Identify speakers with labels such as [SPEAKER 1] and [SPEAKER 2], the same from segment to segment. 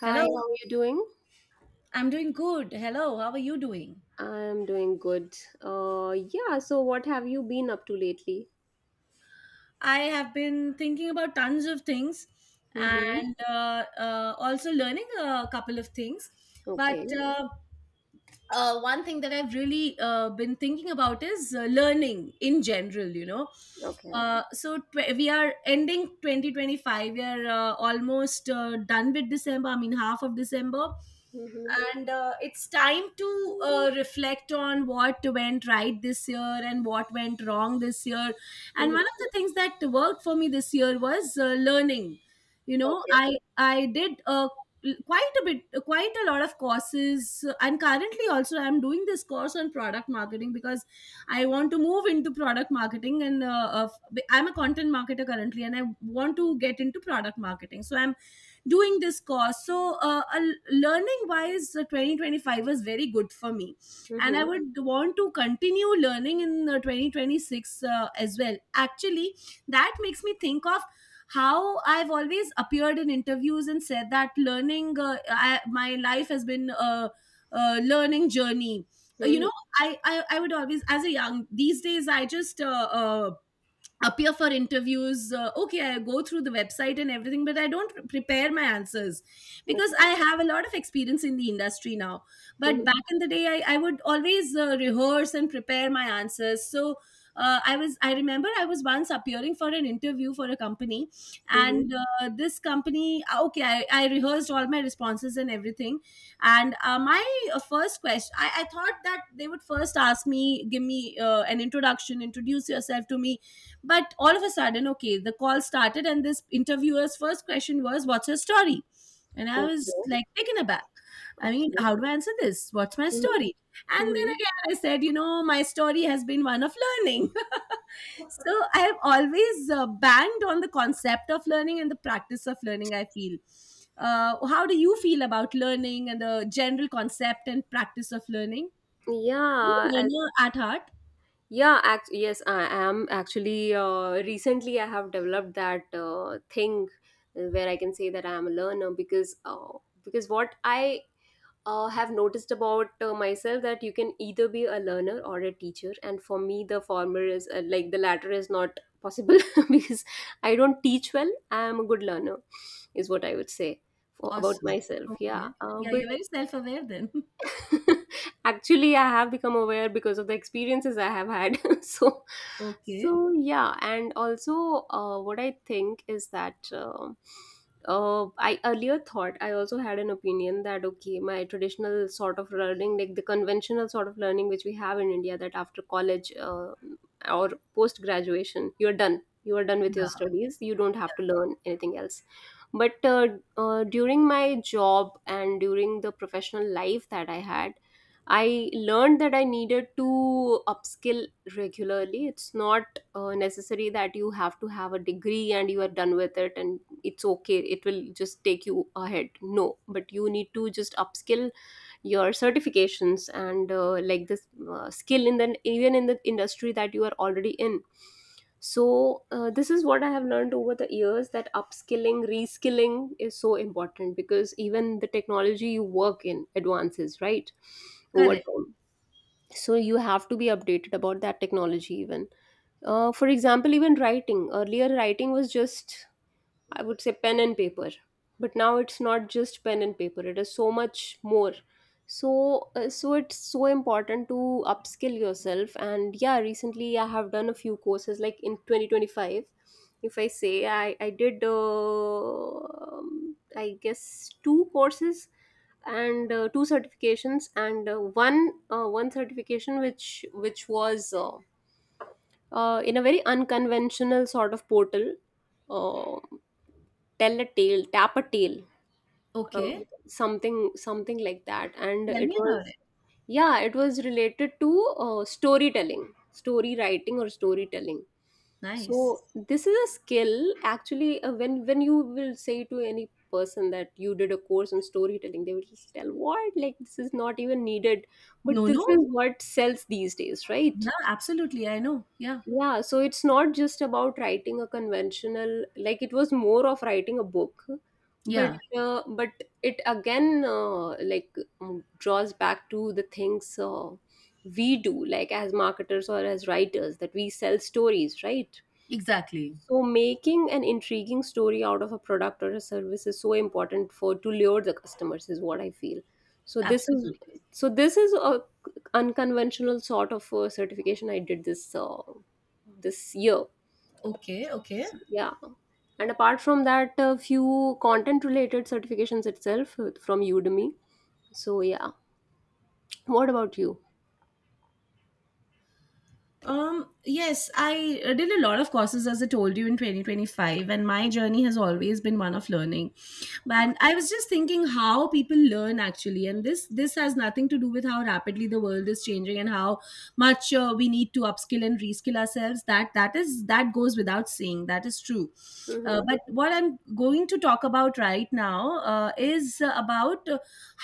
[SPEAKER 1] Hi,
[SPEAKER 2] Hello,
[SPEAKER 1] how are you doing?
[SPEAKER 2] I'm doing good. Hello, how are you doing?
[SPEAKER 1] I'm doing good. Yeah, so what have you been up to lately?
[SPEAKER 2] I have been thinking about tons of things
[SPEAKER 1] Mm-hmm.
[SPEAKER 2] and also learning a couple of things. But
[SPEAKER 1] Okay,
[SPEAKER 2] one thing that I've really been thinking about is learning in general.
[SPEAKER 1] okay.
[SPEAKER 2] So we are ending 2025. We are almost done with December, I mean, half of December.
[SPEAKER 1] Mm-hmm.
[SPEAKER 2] And it's time to reflect on what went right this year and what went wrong this year. And
[SPEAKER 1] Mm-hmm.
[SPEAKER 2] one of the things that worked for me this year was learning. you know
[SPEAKER 1] Okay.
[SPEAKER 2] i i did a quite a bit quite a lot of courses, and currently also I'm doing this course on product marketing because I want to move into product marketing, and I'm a content marketer currently, and I want to get into product marketing, so I'm doing this course. So learning wise, 2025 was very good for me, and I
[SPEAKER 1] Mm-hmm.
[SPEAKER 2] would want to continue learning in 2026, as well, actually. That makes me think of how I've always appeared in interviews and said that learning my life has been a learning journey. Uh, you
[SPEAKER 1] Mm-hmm.
[SPEAKER 2] know I would always as a young these days I just appear for interviews. Okay, I go through the website and everything, but I don't prepare my answers because
[SPEAKER 1] Okay.
[SPEAKER 2] I have a lot of experience in the industry now. But
[SPEAKER 1] Mm-hmm.
[SPEAKER 2] back in the day, I would always rehearse and prepare my answers. So I remember I was once appearing for an interview for a company.
[SPEAKER 1] Mm-hmm.
[SPEAKER 2] And this company, okay, I rehearsed all my responses and everything. And my first question, I thought that they would first ask me, give me an introduction, introduce yourself to me. But all of a sudden, okay, the call started, and this interviewer's first question was, "What's your story?" And I
[SPEAKER 1] Okay.
[SPEAKER 2] was like taken aback. I mean,
[SPEAKER 1] Okay.
[SPEAKER 2] how do I answer this? What's my
[SPEAKER 1] Mm-hmm.
[SPEAKER 2] story? And then
[SPEAKER 1] Mm-hmm.
[SPEAKER 2] again, I said, "You know, my story has been one of learning." So I have always banged on the concept of learning and the practice of learning, I feel. How do you feel about learning and the general concept and practice of learning? Are you a
[SPEAKER 1] Yeah,
[SPEAKER 2] learner
[SPEAKER 1] as
[SPEAKER 2] at heart?
[SPEAKER 1] yeah, act yes, I am. Actually recently I have developed that thing where I can say that I am a learner, because what I have noticed about myself, that you can either be a learner or a teacher, and for me the former is, like the latter is not possible because I don't teach well. I am a good learner is what I would say for, about
[SPEAKER 2] Awesome.
[SPEAKER 1] myself. Yeah
[SPEAKER 2] Okay. Yeah,
[SPEAKER 1] but
[SPEAKER 2] you're very self aware then.
[SPEAKER 1] Actually, I have become aware because of the experiences I have had. So,
[SPEAKER 2] Okay.
[SPEAKER 1] so yeah. And also what I think is that I earlier thought, I also had an opinion that okay, my traditional sort of learning, like the conventional sort of learning which we have in India, that after college or post graduation, you're done. You are done with your
[SPEAKER 2] Yeah,
[SPEAKER 1] studies. You don't have to learn anything else. But during my job and during the professional life that I had, I learned that I needed to upskill regularly. It's not necessary that you have to have a degree and you are done with it and it's okay. It will just take you ahead. No, but you need to just upskill your certifications and like this skill in the even in the industry that you are already in. So this is what I have learned over the years, that upskilling reskilling is so important because even the technology you work in advances, right? Over
[SPEAKER 2] correct.
[SPEAKER 1] time, so you have to be updated about that technology even. Uh, for example, even writing, earlier writing was just, I would say, pen and paper. But now it's not just pen and paper, it is so much more. So, so it's so important to upskill yourself. And yeah, recently I have done a few courses like in 2025. If I say I did, I guess, 2 courses and 2 certifications and one certification which was in a very unconventional sort of portal. Uh, Tell a tale, tap a tale, uh,
[SPEAKER 2] Okay.
[SPEAKER 1] something something like that. And
[SPEAKER 2] Tell
[SPEAKER 1] it
[SPEAKER 2] me about
[SPEAKER 1] was,
[SPEAKER 2] it.
[SPEAKER 1] yeah, it was related to storytelling, story writing or storytelling. So
[SPEAKER 2] Nice.
[SPEAKER 1] this is a skill actually. Uh, when you will say to any person that you did a course on storytelling, they will just tell what, like this is not even needed. But
[SPEAKER 2] No, no.
[SPEAKER 1] this is what sells these days,
[SPEAKER 2] Yeah,
[SPEAKER 1] right?
[SPEAKER 2] absolutely. I know. Yeah.
[SPEAKER 1] Yeah, so it's not just about writing a conventional, like it was more of writing a book. but
[SPEAKER 2] Yeah,
[SPEAKER 1] uh, but it again, like, draws back to the things we do, like as marketers or as writers, that we sell stories, right?
[SPEAKER 2] exactly.
[SPEAKER 1] So making an intriguing story out of a product or a service is so important for to lure the customers, is what I feel. So this is
[SPEAKER 2] Absolutely.
[SPEAKER 1] so this is a unconventional sort of certification. I did this this year.
[SPEAKER 2] Okay, okay.
[SPEAKER 1] So, yeah. And apart from that, a few content related certifications itself from Udemy. So yeah. What about you?
[SPEAKER 2] Yes, I did a lot of courses as I told you in 2025, and my journey has always been one of learning. And I was just thinking how people learn, actually, and this has nothing to do with how rapidly the world is changing and how much we need to upskill and reskill ourselves. That goes without saying. That is true.
[SPEAKER 1] Hmm.
[SPEAKER 2] But what I'm going to talk about right now is about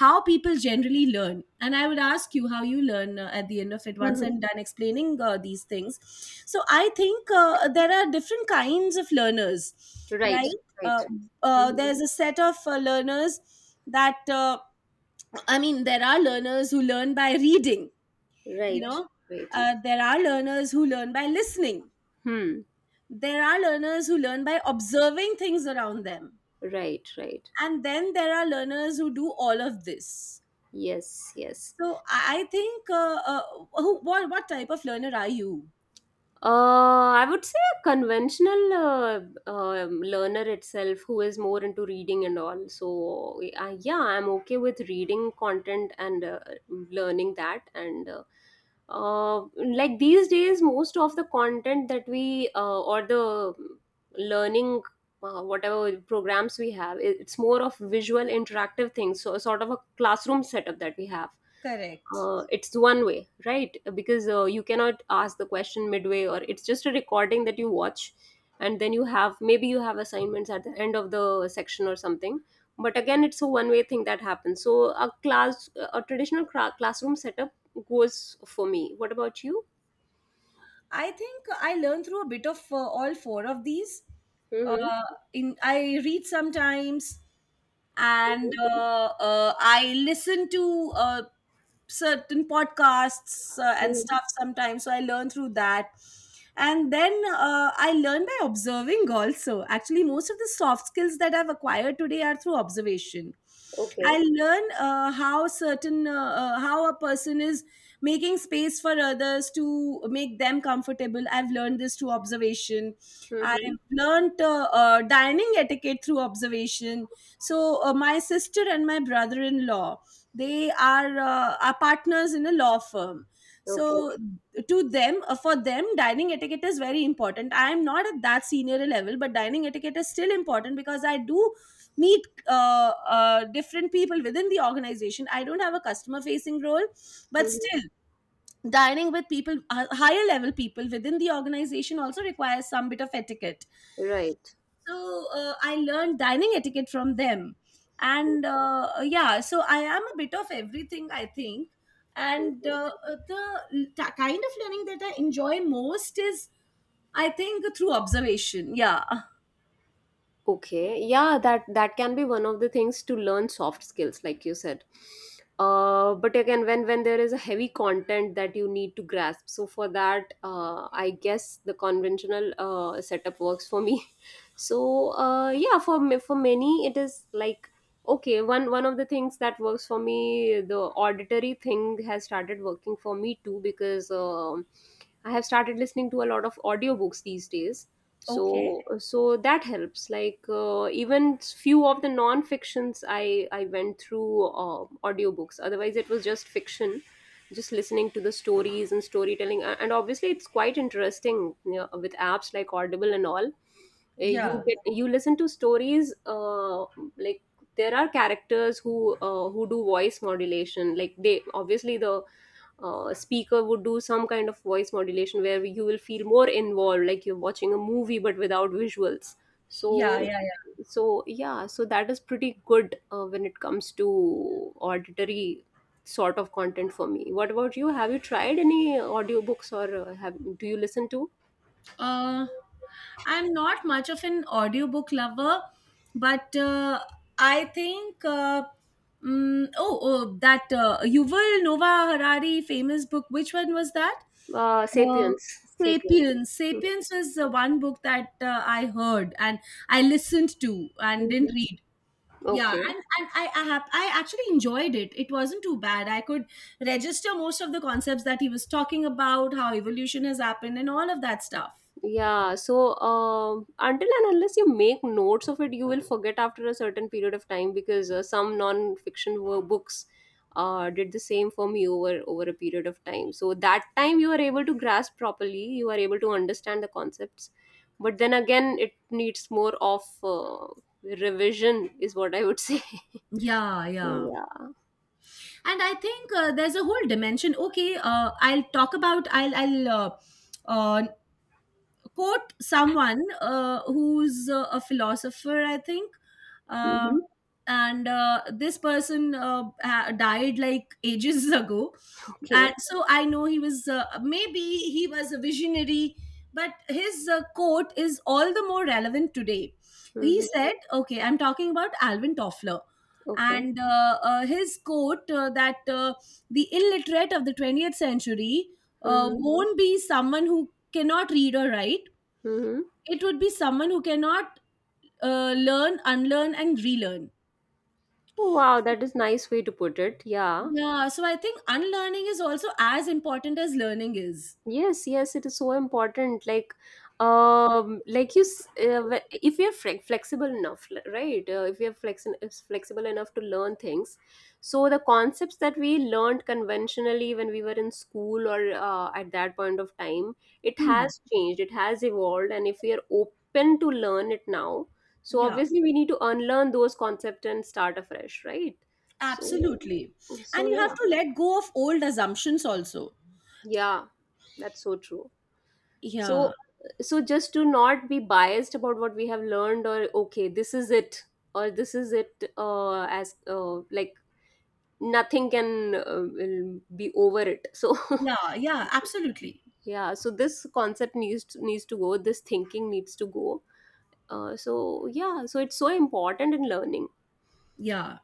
[SPEAKER 2] how people generally learn, and I would ask you how you learn at the end of it, once
[SPEAKER 1] Hmm.
[SPEAKER 2] I'm done explaining these things. So I think there are different kinds of learners,
[SPEAKER 1] Right.
[SPEAKER 2] right?
[SPEAKER 1] Right.
[SPEAKER 2] uh,
[SPEAKER 1] Mhm.
[SPEAKER 2] there's a set of learners that I mean, there are learners who learn by reading you know
[SPEAKER 1] Right. Right.
[SPEAKER 2] there are learners who learn by listening.
[SPEAKER 1] Hmm.
[SPEAKER 2] There are learners who learn by observing things around them.
[SPEAKER 1] Right. Right.
[SPEAKER 2] And then there are learners who do all of this.
[SPEAKER 1] Yes. Yes.
[SPEAKER 2] So I think, who, what type of learner are you?
[SPEAKER 1] I would say a conventional learner itself who is more into reading and all. So, yeah, I'm okay with reading content and learning that. And like these days, most of the content that we or the learning, whatever programs we have, it's more of visual interactive things. So, sort of a classroom setup that we have,
[SPEAKER 2] Correct.
[SPEAKER 1] it's one way, right? Because you cannot ask the question midway, or it's just a recording that you watch and then you have, maybe you have assignments at the end of the section or something. But again, it's a one way thing that happens. So a traditional classroom setup goes for me. What about you?
[SPEAKER 2] I think I learn through a bit of all four of these.
[SPEAKER 1] Mm-hmm.
[SPEAKER 2] Uh, in I read sometimes. And I listen to certain podcasts and
[SPEAKER 1] Mm-hmm.
[SPEAKER 2] stuff sometimes. So I learn through that. And then I learn by observing also. Actually, most of the soft skills that I've acquired today are through observation.
[SPEAKER 1] Okay.
[SPEAKER 2] I learn how certain, how a person is making space for others to make them comfortable. I've learned this through observation.
[SPEAKER 1] Mm-hmm.
[SPEAKER 2] I've learned dining etiquette through observation. So my sister and my brother-in-law, they are partners in a law firm.
[SPEAKER 1] Okay.
[SPEAKER 2] So to them for them, dining etiquette is very important. I am not at that senior level, but dining etiquette is still important, because I do meet different people within the organization. I don't have a customer facing role, but
[SPEAKER 1] Mm-hmm.
[SPEAKER 2] still, dining with people, higher level people within the organization, also requires some bit of etiquette.
[SPEAKER 1] Right.
[SPEAKER 2] So I learned dining etiquette from them. And yeah, so I am a bit of everything, I think. And the kind of learning that I enjoy most is, I think, through observation. Yeah.
[SPEAKER 1] Okay, yeah, that that can be one of the things to learn soft skills, like you said. But again, when there is a heavy content that you need to grasp, so for that, I guess the conventional setup works for me. So yeah, for me, for many, it is like okay, one of the things that works for me, the auditory thing, has started working for me too, because I have started listening to a lot of audiobooks these days. So
[SPEAKER 2] Okay.
[SPEAKER 1] so that helps. Like even few of the non fictions, I went through audiobooks, otherwise it was just fiction, just listening to the stories and storytelling. And obviously it's quite interesting, you know, with apps like Audible and all.
[SPEAKER 2] Yeah,
[SPEAKER 1] You listen to stories. Uh, like there are characters who do voice modulation, like they obviously, the speaker would do some kind of voice modulation where you will feel more involved, like you're watching a movie but without visuals.
[SPEAKER 2] yeah,
[SPEAKER 1] So
[SPEAKER 2] yeah.
[SPEAKER 1] so yeah, so that is pretty good when it comes to auditory sort of content for me. What about you? Have you tried any audiobooks, or have do you listen to
[SPEAKER 2] Uh, I'm not much of an audiobook lover, but I think. Oh, that Yuval Noah Harari famous book. Which one was that? Uh,
[SPEAKER 1] sapiens? Sapiens.
[SPEAKER 2] Sapiens. Sapiens was the one book that I heard and I listened to and
[SPEAKER 1] Mhm.
[SPEAKER 2] didn't read. Yeah,
[SPEAKER 1] Okay.
[SPEAKER 2] and I actually enjoyed it. It wasn't too bad. I could register most of the concepts that he was talking about, how evolution has happened, and all of that stuff.
[SPEAKER 1] Yeah, so until and unless you make notes of it, you will forget after a certain period of time, because some non-fiction books did the same for me over over a period of time. So that time you are able to grasp properly, you are able to understand the concepts, but then again, it needs more of revision, is what I would say.
[SPEAKER 2] Yeah,
[SPEAKER 1] So
[SPEAKER 2] yeah.
[SPEAKER 1] yeah.
[SPEAKER 2] And I think there's a whole dimension. Okay, I'll talk about I'll uh, quote someone, who's a philosopher, I think. um,
[SPEAKER 1] Mm-hmm.
[SPEAKER 2] and this person died like ages ago. And
[SPEAKER 1] Okay.
[SPEAKER 2] so I know he was maybe he was a visionary, but his quote is all the more relevant today. He
[SPEAKER 1] Mm-hmm.
[SPEAKER 2] said, okay, I'm talking about Alvin Toffler.
[SPEAKER 1] Okay.
[SPEAKER 2] And his quote that the illiterate of the 20th century
[SPEAKER 1] Mm-hmm.
[SPEAKER 2] won't be someone who cannot read or write.
[SPEAKER 1] Mm-hmm.
[SPEAKER 2] It would be someone who cannot learn, unlearn, and relearn.
[SPEAKER 1] Wow, that is nice way to put it. Yeah.
[SPEAKER 2] Yeah, so I think unlearning is also as important as learning is.
[SPEAKER 1] Yes, yes, it is so important. Like you, if you are flexible enough, right? If you are flexible enough to learn things, so the concepts that we learned conventionally when we were in school, or at that point of time, it
[SPEAKER 2] Hmm.
[SPEAKER 1] has changed, it has evolved, and if we are open to learn it now, so
[SPEAKER 2] Yeah.
[SPEAKER 1] obviously we need to unlearn those concepts and start afresh, right? So,
[SPEAKER 2] Absolutely. And
[SPEAKER 1] so
[SPEAKER 2] you have
[SPEAKER 1] yeah,
[SPEAKER 2] to let go of old assumptions also.
[SPEAKER 1] yeah, that's so true. So,
[SPEAKER 2] Yeah.
[SPEAKER 1] so just to not be biased about what we have learned, or okay, this is it, or this is it, as like nothing can will be over it. So,
[SPEAKER 2] Yeah. Yeah. Absolutely.
[SPEAKER 1] yeah. So this concept needs to go. This thinking needs to go. So yeah. So it's so important in learning.
[SPEAKER 2] Yeah.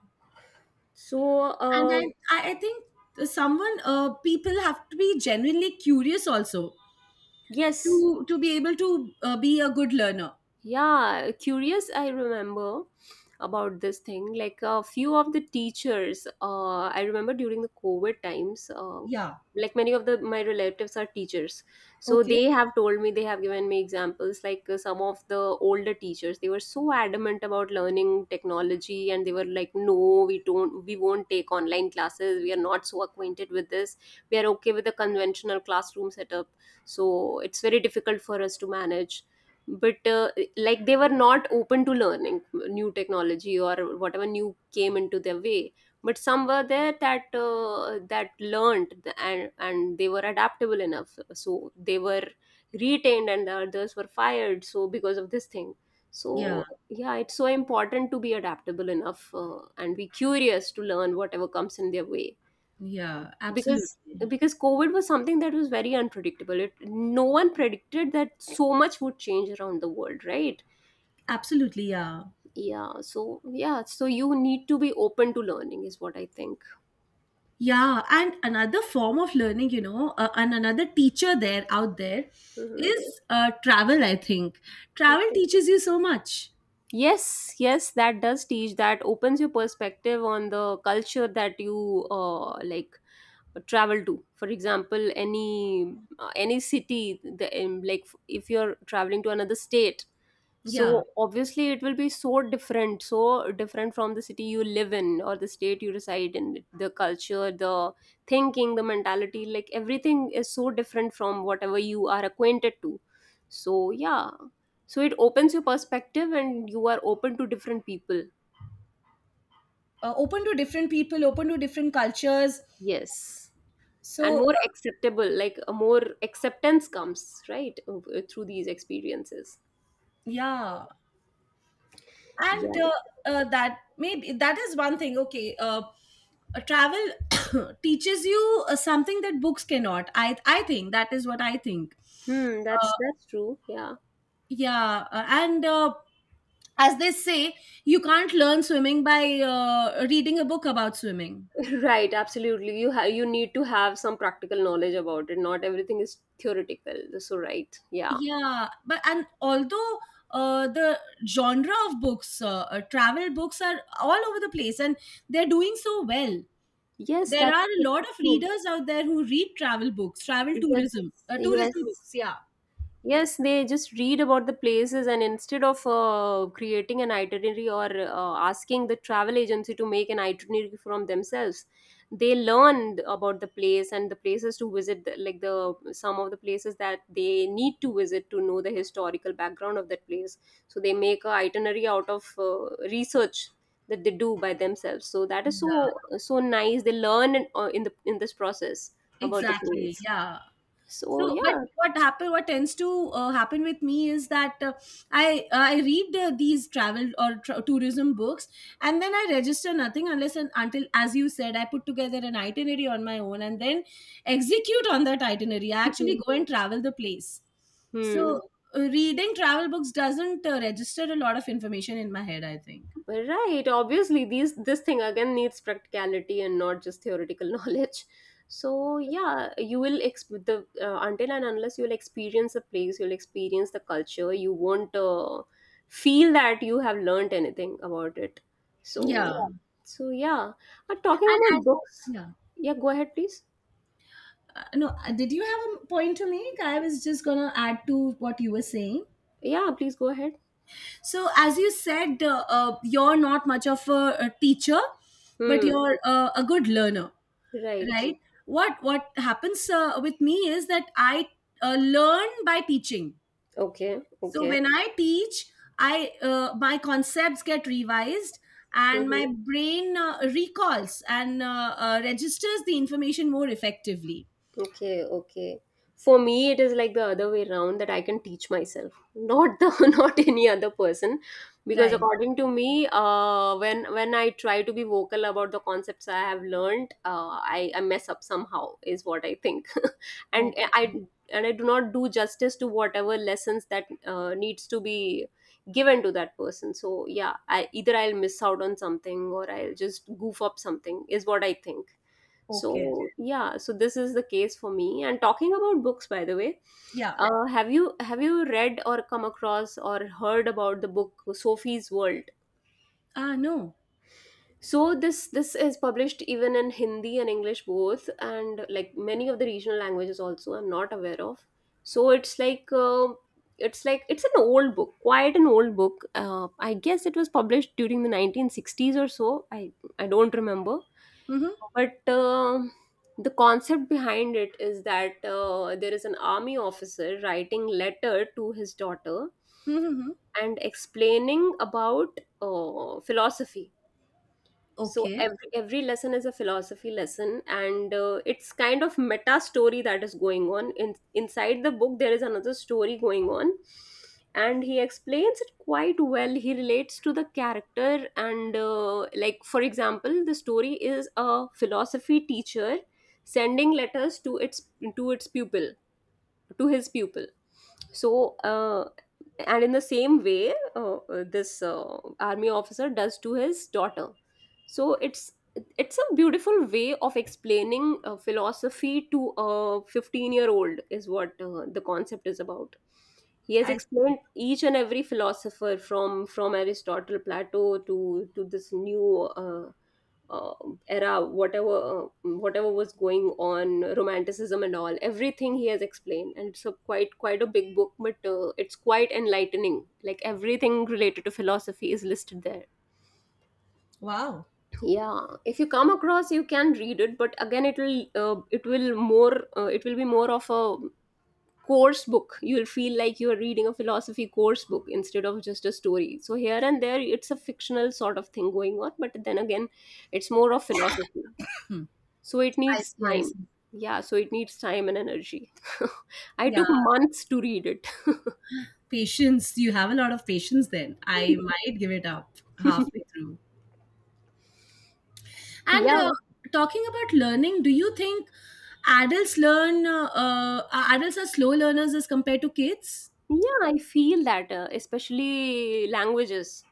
[SPEAKER 1] So
[SPEAKER 2] And I think people have to be genuinely curious also
[SPEAKER 1] yes.
[SPEAKER 2] to be able to be a good learner.
[SPEAKER 1] Yeah, curious, I remember about this thing, like a few of the teachers, I remember during the COVID times,
[SPEAKER 2] Yeah.
[SPEAKER 1] like many of the my relatives are teachers, so they
[SPEAKER 2] Okay.
[SPEAKER 1] have told me, they have given me examples, like some of the older teachers, they were so adamant about learning technology, and they were like, no, we won't take online classes, we are not so acquainted with this, we are okay with the conventional classroom setup, so it's very difficult for us to manage. But like they were not open to learning new technology or whatever new came into their way. But some were there that that learned and they were adaptable enough, so they were retained and the others were fired, so because of this thing.
[SPEAKER 2] Yeah.
[SPEAKER 1] So yeah, it's so important to be adaptable enough and be curious to learn whatever comes in their way.
[SPEAKER 2] Yeah.
[SPEAKER 1] because
[SPEAKER 2] Absolutely.
[SPEAKER 1] because COVID was something that was very unpredictable, it no one predicted that so much would change around the world, right?
[SPEAKER 2] Absolutely. Yeah.
[SPEAKER 1] Yeah, so yeah, so you need to be open to learning, is what I think.
[SPEAKER 2] Yeah. And another form of learning, you know, and another teacher there out there
[SPEAKER 1] Hmm.
[SPEAKER 2] is travel, I think. Travel teaches you so much.
[SPEAKER 1] Yes, yes, that does teach. That opens your perspective on the culture that you like travel to. For example, any city, the like if you're traveling to another state,
[SPEAKER 2] Yeah.
[SPEAKER 1] so obviously it will be so different from the city you live in or the state you reside in. The culture, the thinking, the mentality, like everything is so different from whatever you are acquainted to. So yeah, so it opens your perspective and you are open to different people.
[SPEAKER 2] Open to different people, open to different cultures.
[SPEAKER 1] Yes. And
[SPEAKER 2] So,
[SPEAKER 1] more acceptable, like a more acceptance comes, right, through these experiences.
[SPEAKER 2] yeah.
[SPEAKER 1] Yeah.
[SPEAKER 2] And that maybe that is one thing. Okay. Travel teaches you something that books cannot. I think that is what I think.
[SPEAKER 1] Hmm,
[SPEAKER 2] Uh,
[SPEAKER 1] that's true. Yeah.
[SPEAKER 2] yeah. And As they say, you can't learn swimming by reading a book about swimming.
[SPEAKER 1] Right, absolutely. You have. You need to have some practical knowledge about it. Not everything is theoretical. So right. Yeah.
[SPEAKER 2] Yeah. but and Although the genre of books, travel books are all over the place, and they're doing so well.
[SPEAKER 1] Yes,
[SPEAKER 2] There
[SPEAKER 1] that's
[SPEAKER 2] are a
[SPEAKER 1] so
[SPEAKER 2] lot of
[SPEAKER 1] true.
[SPEAKER 2] readers out there who read travel books,
[SPEAKER 1] Yes.
[SPEAKER 2] tourism
[SPEAKER 1] Yes.
[SPEAKER 2] books. Yeah.
[SPEAKER 1] Yes, they just read about the places, and instead of creating an itinerary or asking the travel agency to make an itinerary from themselves, they learn about the place and the places to visit, like the some of the places that they need to visit to know the historical background of that place. So they make a itinerary out of research that they do by themselves. So that is
[SPEAKER 2] Yeah,
[SPEAKER 1] so nice. They learn in the in this process about the
[SPEAKER 2] exactly.
[SPEAKER 1] place.
[SPEAKER 2] Yeah.
[SPEAKER 1] So
[SPEAKER 2] But
[SPEAKER 1] yeah.
[SPEAKER 2] what happen? What tends to happen with me is that I read these travel or tr tourism books, and then I register nothing unless and until, as you said, I put together an itinerary on my own and then execute on that itinerary. I actually go and travel the place.
[SPEAKER 1] Hmm.
[SPEAKER 2] So, reading travel books doesn't register a lot of information in my head, I think.
[SPEAKER 1] Right, obviously these this thing again needs practicality and not just theoretical knowledge. So yeah, you will exp- the until and unless you'll experience a place, you'll experience the culture, you won't feel that you have learned anything about it. So
[SPEAKER 2] Yeah,
[SPEAKER 1] yeah. So yeah, talking
[SPEAKER 2] and
[SPEAKER 1] about
[SPEAKER 2] as
[SPEAKER 1] books.
[SPEAKER 2] yeah,
[SPEAKER 1] Yeah, go ahead, please.
[SPEAKER 2] no, did you have a point to make? I was just gonna add to what you were saying.
[SPEAKER 1] Yeah, please go ahead.
[SPEAKER 2] So, as you said, you're not much of a teacher, but
[SPEAKER 1] Hmm.
[SPEAKER 2] you're a good learner,
[SPEAKER 1] Right.
[SPEAKER 2] right? What happens with me is that I learn by teaching.
[SPEAKER 1] Okay.
[SPEAKER 2] So
[SPEAKER 1] Okay.
[SPEAKER 2] when I teach, I my concepts get revised and my
[SPEAKER 1] Mm-hmm.
[SPEAKER 2] brain recalls and registers the information more effectively.
[SPEAKER 1] Okay, okay. For me, it is like the other way around that I can teach myself, not the not any other person, because
[SPEAKER 2] Right.
[SPEAKER 1] according to me, when I try to be vocal about the concepts I have learned, I mess up somehow is what I think, and I
[SPEAKER 2] Okay.
[SPEAKER 1] and I do not do justice to whatever lessons that needs to be given to that person. So yeah, I either I'll miss out on something or I'll just goof up something is what I think.
[SPEAKER 2] Okay.
[SPEAKER 1] So yeah, so this is the case for me. And talking about books, by the way,
[SPEAKER 2] Yeah.
[SPEAKER 1] have you read or come across or heard about the book Sophie's World?
[SPEAKER 2] Ah. No.
[SPEAKER 1] So this is published even in Hindi and English both, and like many of the regional languages also. I'm not aware of. So it's like it's like it's an old book, quite an old book. I guess it was published during the 1960s or so. I don't remember,
[SPEAKER 2] Mm-hmm.
[SPEAKER 1] but the concept behind it is that there is an army officer writing letter to his daughter
[SPEAKER 2] Mm-hmm. Mm-hmm.
[SPEAKER 1] and explaining about philosophy. So
[SPEAKER 2] Okay.
[SPEAKER 1] every lesson is a philosophy lesson, and it's kind of meta story that is going on in inside the book there is another story going on, and he explains it quite well. He relates to the character, and like for example, the story is a philosophy teacher sending letters to its pupil to his pupil. So and in the same way this army officer does to his daughter. So it's a beautiful way of explaining philosophy to a 15-year-old is what the concept is about. He has
[SPEAKER 2] I.
[SPEAKER 1] explained each and every philosopher from aristotle plato to this new uh, era, whatever whatever was going on, romanticism and all, everything he has explained, and it's a quite a big book, but it's quite enlightening. Like everything related to philosophy is listed there.
[SPEAKER 2] Wow.
[SPEAKER 1] Yeah, if you come across, you can read it, but again, it will more it will be more of a course book. You'll feel like you're reading a philosophy course book instead of just a story. So here and there it's a fictional sort of thing going on, but then again it's more of philosophy. So it
[SPEAKER 2] I
[SPEAKER 1] needs
[SPEAKER 2] see. I
[SPEAKER 1] time.
[SPEAKER 2] see.
[SPEAKER 1] Yeah, so it needs time and energy. I
[SPEAKER 2] Yeah,
[SPEAKER 1] took months to read it.
[SPEAKER 2] patience. You have a lot of patience then. I might give it up halfway through. And
[SPEAKER 1] Yeah.
[SPEAKER 2] talking about learning, do you think adults learn, adults are slow learners as compared to kids?
[SPEAKER 1] Yeah, I feel that, especially languages.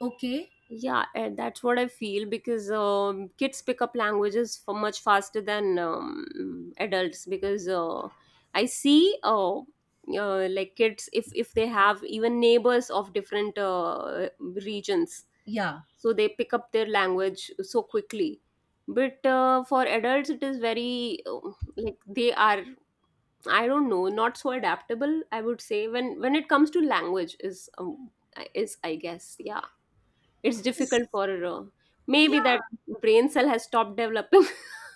[SPEAKER 2] Okay.
[SPEAKER 1] Yeah, and that's what I feel because kids pick up languages for much faster than adults because I see like kids if they have even neighbors of different regions,
[SPEAKER 2] Yeah.
[SPEAKER 1] so they pick up their language so quickly. But for adults it is very like they are I don't know not so adaptable I would say when it comes to language is I guess yeah it's
[SPEAKER 2] Is-
[SPEAKER 1] difficult for
[SPEAKER 2] Yeah,
[SPEAKER 1] maybe that brain cell has stopped developing.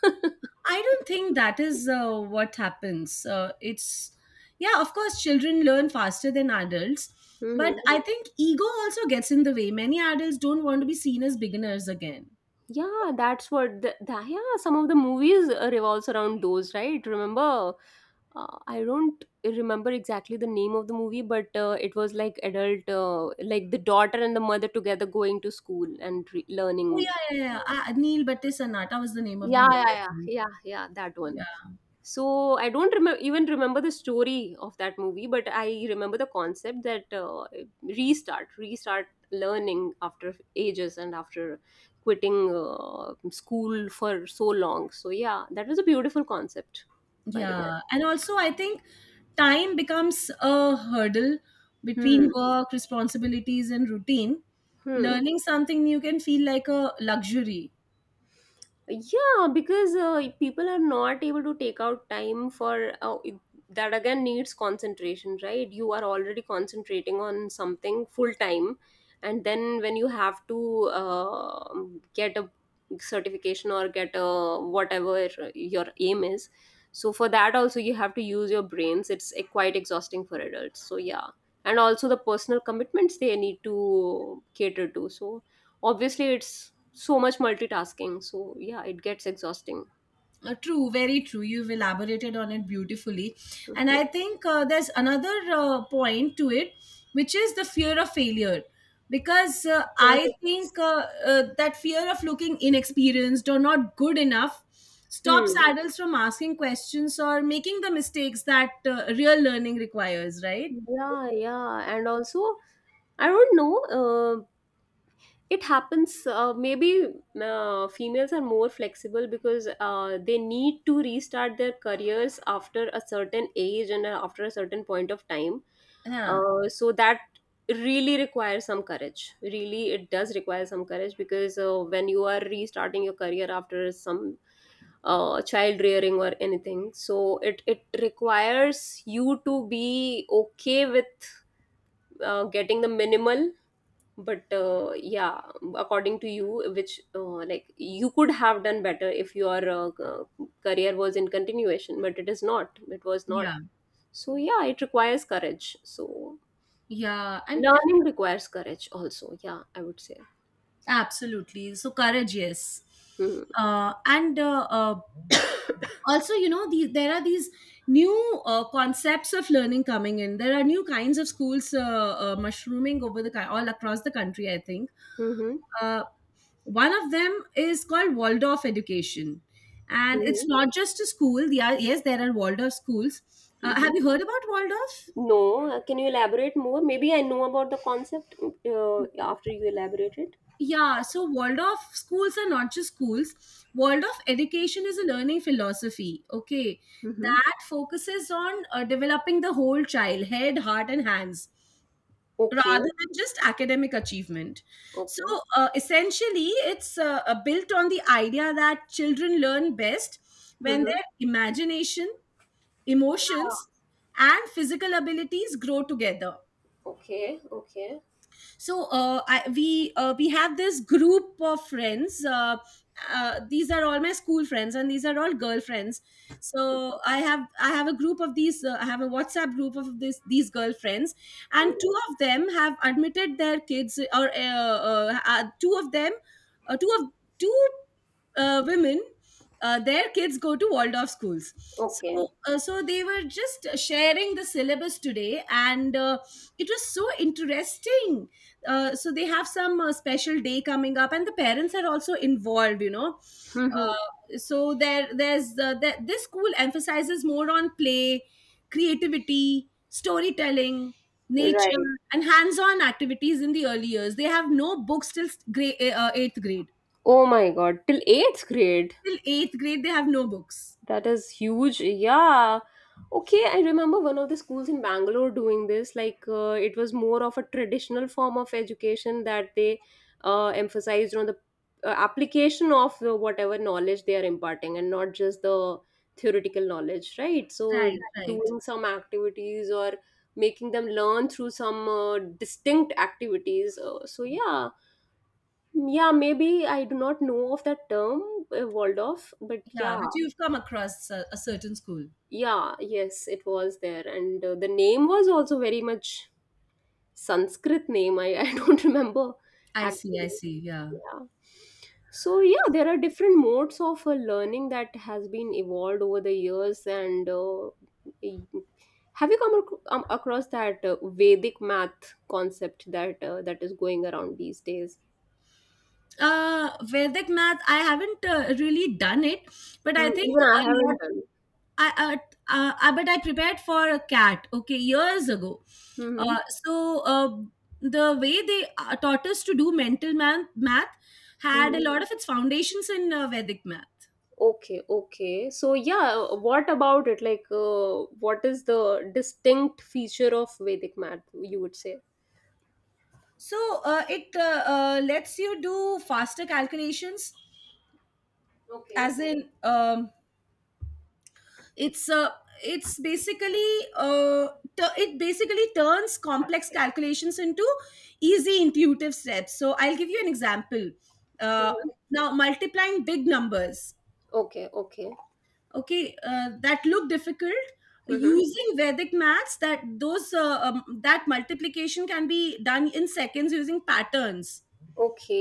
[SPEAKER 2] I don't think that is what happens. Yeah, of course, children learn faster than adults. But
[SPEAKER 1] Mhm.
[SPEAKER 2] I think ego also gets in the way. Many adults don't want to be seen as beginners again.
[SPEAKER 1] Yeah, that's what the yeah, some of the movies revolves around those, right? Remember I don't remember exactly the name of the movie, but it was like adult, like the daughter and the mother together going to school and learning.
[SPEAKER 2] Oh yeah, yeah, yeah. Neil Batte Sanata was the name of the
[SPEAKER 1] Yeah,
[SPEAKER 2] movie,
[SPEAKER 1] yeah, yeah,
[SPEAKER 2] I think.
[SPEAKER 1] yeah, yeah, that one.
[SPEAKER 2] Yeah,
[SPEAKER 1] So I don't remember even remember the story of that movie, but I remember the concept that restart learning after ages and after quitting school for so long. So yeah, that was a beautiful concept, by the way.
[SPEAKER 2] yeah. And also, I think time becomes a hurdle between
[SPEAKER 1] Hmm.
[SPEAKER 2] work, responsibilities, and routine.
[SPEAKER 1] Hmm.
[SPEAKER 2] Learning something new can feel like a luxury.
[SPEAKER 1] Yeah, because people are not able to take out time for that again needs concentration, right? You are already concentrating on something full time, and then when you have to get a certification or get a whatever your aim is, so for that also you have to use your brains. It's quite exhausting for adults. So yeah, and also the personal commitments they need to cater to. So obviously it's so much multitasking. So yeah, it gets exhausting.
[SPEAKER 2] True, very true. You've elaborated on it beautifully. And
[SPEAKER 1] Mhm.
[SPEAKER 2] I think there's another point to it, which is the fear of failure. Because
[SPEAKER 1] Yes.
[SPEAKER 2] I think that fear of looking inexperienced or not good enough stops
[SPEAKER 1] Hmm.
[SPEAKER 2] adults from asking questions or making the mistakes that real learning requires, right?
[SPEAKER 1] Yeah, yeah. And also, I don't know, uh, it happens. Maybe females are more flexible because they need to restart their careers after a certain age and after a certain point of time.
[SPEAKER 2] Yeah,
[SPEAKER 1] So that really requires some courage. Really, it does require some courage because when you are restarting your career after some child rearing or anything, so it requires you to be okay with getting the minimal, but yeah according to you which like you could have done better if your career was in continuation but it is not, it was not.
[SPEAKER 2] yeah,
[SPEAKER 1] So yeah, it requires courage. So
[SPEAKER 2] yeah, and
[SPEAKER 1] learning requires courage also, yeah I would say.
[SPEAKER 2] absolutely. So courage, yes.
[SPEAKER 1] Mm-hmm.
[SPEAKER 2] And also, you know, these there are these new concepts of learning coming in. There are new kinds of schools mushrooming over the all across the country, I think
[SPEAKER 1] Mm-hmm.
[SPEAKER 2] uh, one of them is called Waldorf education. And it's
[SPEAKER 1] Mm-hmm.
[SPEAKER 2] not just a school, yes, there are Waldorf schools. Have
[SPEAKER 1] Mm-hmm.
[SPEAKER 2] you heard about Waldorf?
[SPEAKER 1] No, can you elaborate more? Maybe I know about the concept after you elaborate it.
[SPEAKER 2] Yeah, so Waldorf schools are not just schools. Waldorf education is a learning philosophy, okay,
[SPEAKER 1] Mm-hmm.
[SPEAKER 2] that focuses on developing the whole child, head, heart and hands,
[SPEAKER 1] Okay,
[SPEAKER 2] rather than just academic achievement. So
[SPEAKER 1] okay.
[SPEAKER 2] essentially, it's built on the idea that children learn best when
[SPEAKER 1] Mm-hmm.
[SPEAKER 2] their imagination, emotions, and physical abilities grow together.
[SPEAKER 1] Okay, okay.
[SPEAKER 2] So I, we have this group of friends, these are all my school friends and these are all girlfriends. So I have a group of these, I have a WhatsApp group of this these girlfriends. And
[SPEAKER 1] Mhm.
[SPEAKER 2] two of them have admitted their kids, or two of them, two of two women, their kids go to Waldorf schools.
[SPEAKER 1] Okay.
[SPEAKER 2] So so they were just sharing the syllabus today, and it was so interesting. So they have some special day coming up, and the parents are also involved.
[SPEAKER 1] Mm-hmm.
[SPEAKER 2] This school emphasizes more on play, creativity, storytelling, nature
[SPEAKER 1] Right.
[SPEAKER 2] and hands-on activities in the early years. They have no books till grade, eighth grade.
[SPEAKER 1] Oh my God! Till eighth grade.
[SPEAKER 2] Till eighth grade they have no books.
[SPEAKER 1] That is huge. Yeah. Okay, I remember one of the schools in Bangalore doing this. Like, it was more of a traditional form of education that they emphasized on the application of the, whatever knowledge they are imparting, and not just the theoretical knowledge, right? So,
[SPEAKER 2] Right, right,
[SPEAKER 1] doing some activities or making them learn through some distinct activities. So, yeah. Yeah, maybe I do not know of that term, Waldorf, but
[SPEAKER 2] yeah,
[SPEAKER 1] yeah,
[SPEAKER 2] but you've come across a certain school.
[SPEAKER 1] yeah, yes, it was there. And the name was also very much Sanskrit name. I, I don't remember
[SPEAKER 2] I see, I
[SPEAKER 1] actually.
[SPEAKER 2] see. Yeah,
[SPEAKER 1] Yeah. So yeah, there are different modes of learning that has been evolved over the years. And y- have you across that Vedic math concept that that is going around these days?
[SPEAKER 2] Vedic math, I haven't really done it, but
[SPEAKER 1] Hmm,
[SPEAKER 2] I think
[SPEAKER 1] even I
[SPEAKER 2] a lot.
[SPEAKER 1] haven't done.
[SPEAKER 2] I, I but I prepared for a CAT, okay, years ago.
[SPEAKER 1] Mm-hmm.
[SPEAKER 2] Uh, so uh, the way they taught us to do mental math, math, had
[SPEAKER 1] Mm-hmm.
[SPEAKER 2] a lot of its foundations in Vedic math.
[SPEAKER 1] Okay, okay. So yeah, what about it? Like, what is the distinct feature of Vedic math, you would say?
[SPEAKER 2] So it lets you do faster calculations,
[SPEAKER 1] Okay.
[SPEAKER 2] as in it's a it's basically, uh, it basically turns complex calculations into easy intuitive steps. So I'll give you an example. uh,
[SPEAKER 1] Mhm.
[SPEAKER 2] now multiplying big numbers,
[SPEAKER 1] Okay, okay.
[SPEAKER 2] okay, that look difficult,
[SPEAKER 1] Mm-hmm.
[SPEAKER 2] using Vedic maths, that multiplication can be done in seconds using patterns,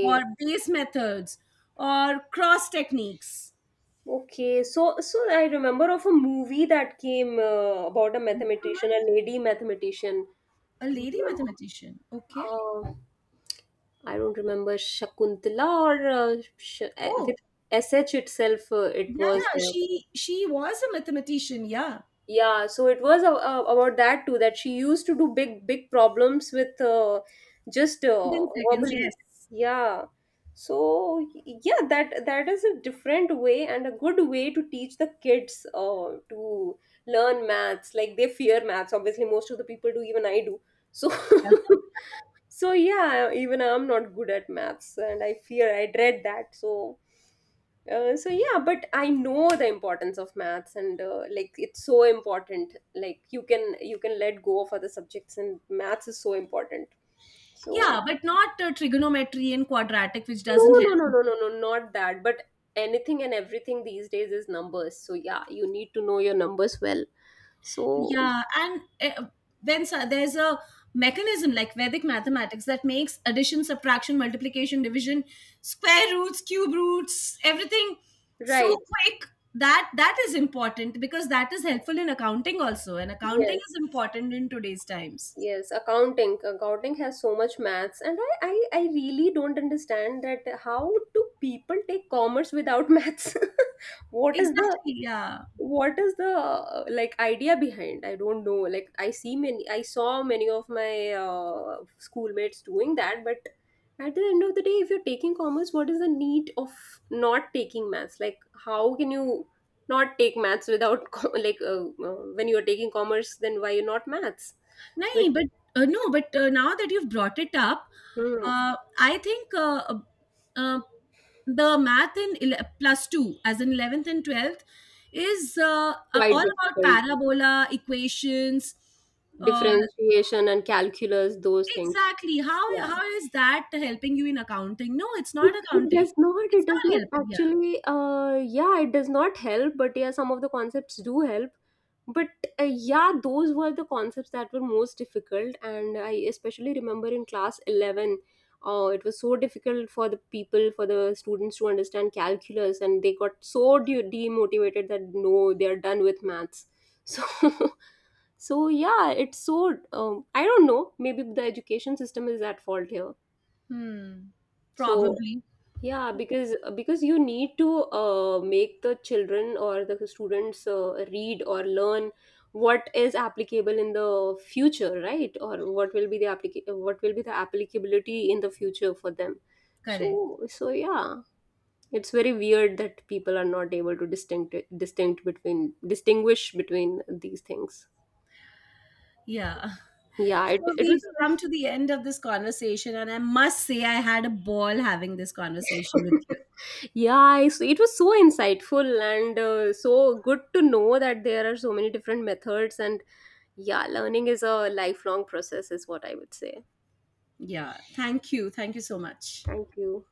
[SPEAKER 2] or base methods, or cross techniques.
[SPEAKER 1] Okay. So so I remember of a movie that came about a mathematician, a lady mathematician.
[SPEAKER 2] A
[SPEAKER 1] Don't
[SPEAKER 2] lady
[SPEAKER 1] remember.
[SPEAKER 2] mathematician, okay.
[SPEAKER 1] Uh, I don't remember Shakuntala or with
[SPEAKER 2] Oh,
[SPEAKER 1] SH itself, it
[SPEAKER 2] yeah,
[SPEAKER 1] was
[SPEAKER 2] yeah.
[SPEAKER 1] there.
[SPEAKER 2] She was a mathematician. Yeah,
[SPEAKER 1] Yeah so it was about that too, that she used to do big big problems with just
[SPEAKER 2] within seconds.
[SPEAKER 1] verbally.
[SPEAKER 2] Yes.
[SPEAKER 1] Yeah so yeah that is a different way and a good way to teach the kids to learn maths. Like they fear maths, obviously most of the people do, even I do. So
[SPEAKER 2] Yeah,
[SPEAKER 1] so yeah, even I'm not good at maths and I fear I dread that. So so yeah, but I know the importance of maths and like it's so important, like you can let go of other subjects and maths is so important so
[SPEAKER 2] yeah, but not trigonometry and quadratic, which
[SPEAKER 1] no
[SPEAKER 2] doesn't help.
[SPEAKER 1] no no
[SPEAKER 2] You.
[SPEAKER 1] no no no not that, but anything and everything these days is numbers. So yeah, you need to know your numbers well so
[SPEAKER 2] Yeah, and then so there's a mechanism like Vedic mathematics that makes addition, subtraction, multiplication, division, square roots, cube roots, everything
[SPEAKER 1] right
[SPEAKER 2] so quick. That is important because that is helpful in accounting also, and accounting
[SPEAKER 1] yes.
[SPEAKER 2] is important in today's times.
[SPEAKER 1] Yes accounting, accounting has so much maths, and I really don't understand that how do people take commerce without maths. What is the
[SPEAKER 2] Exactly. Yeah.
[SPEAKER 1] what is the like idea behind? I don't know, like I see many I saw many of my schoolmates doing that, but at the end of the day if you're taking commerce, what is the need of not taking maths? Like how can you not take maths without like when you're taking commerce then why you're not maths.
[SPEAKER 2] No,
[SPEAKER 1] So it's
[SPEAKER 2] but no, but now that you've brought it up,
[SPEAKER 1] hmm,
[SPEAKER 2] I think uh, the math in plus two, as in 11th and 12th, is
[SPEAKER 1] quite
[SPEAKER 2] all about
[SPEAKER 1] difficult
[SPEAKER 2] parabola equations. Uh,
[SPEAKER 1] differentiation and calculus those things
[SPEAKER 2] exactly.
[SPEAKER 1] yeah.
[SPEAKER 2] How is that helping you in accounting? No, it's
[SPEAKER 1] It,
[SPEAKER 2] not accounting. It's
[SPEAKER 1] it does
[SPEAKER 2] not
[SPEAKER 1] not
[SPEAKER 2] helping. Yeah.
[SPEAKER 1] actually, yeah, it does not help, but yeah, some of the concepts do help. But yeah, those were the concepts that were most difficult, and I especially remember in class 11, it was so difficult for the people, for the students to understand calculus, and they got so demotivated that no, they're done with maths. So, so yeah, it's so, I don't know, maybe the education system is at fault here.
[SPEAKER 2] Hmm.
[SPEAKER 1] So,
[SPEAKER 2] Probably.
[SPEAKER 1] yeah, because you need to make the children or the students read or learn what is applicable in the future, right? Or what will be the what will be the applicability in the future for them.
[SPEAKER 2] Correct.
[SPEAKER 1] So so yeah, it's very weird that people are not able to distinct distinct between distinguish between these things.
[SPEAKER 2] Yeah.
[SPEAKER 1] Yeah, it
[SPEAKER 2] So
[SPEAKER 1] it was
[SPEAKER 2] we've come to the end of this conversation, and I must say I had a ball having this conversation with you.
[SPEAKER 1] yeah I, it was so insightful, and so good to know that there are so many different methods. And yeah learning is a lifelong process is what I would say.
[SPEAKER 2] Yeah. Thank you. Thank you so much.
[SPEAKER 1] Thank you.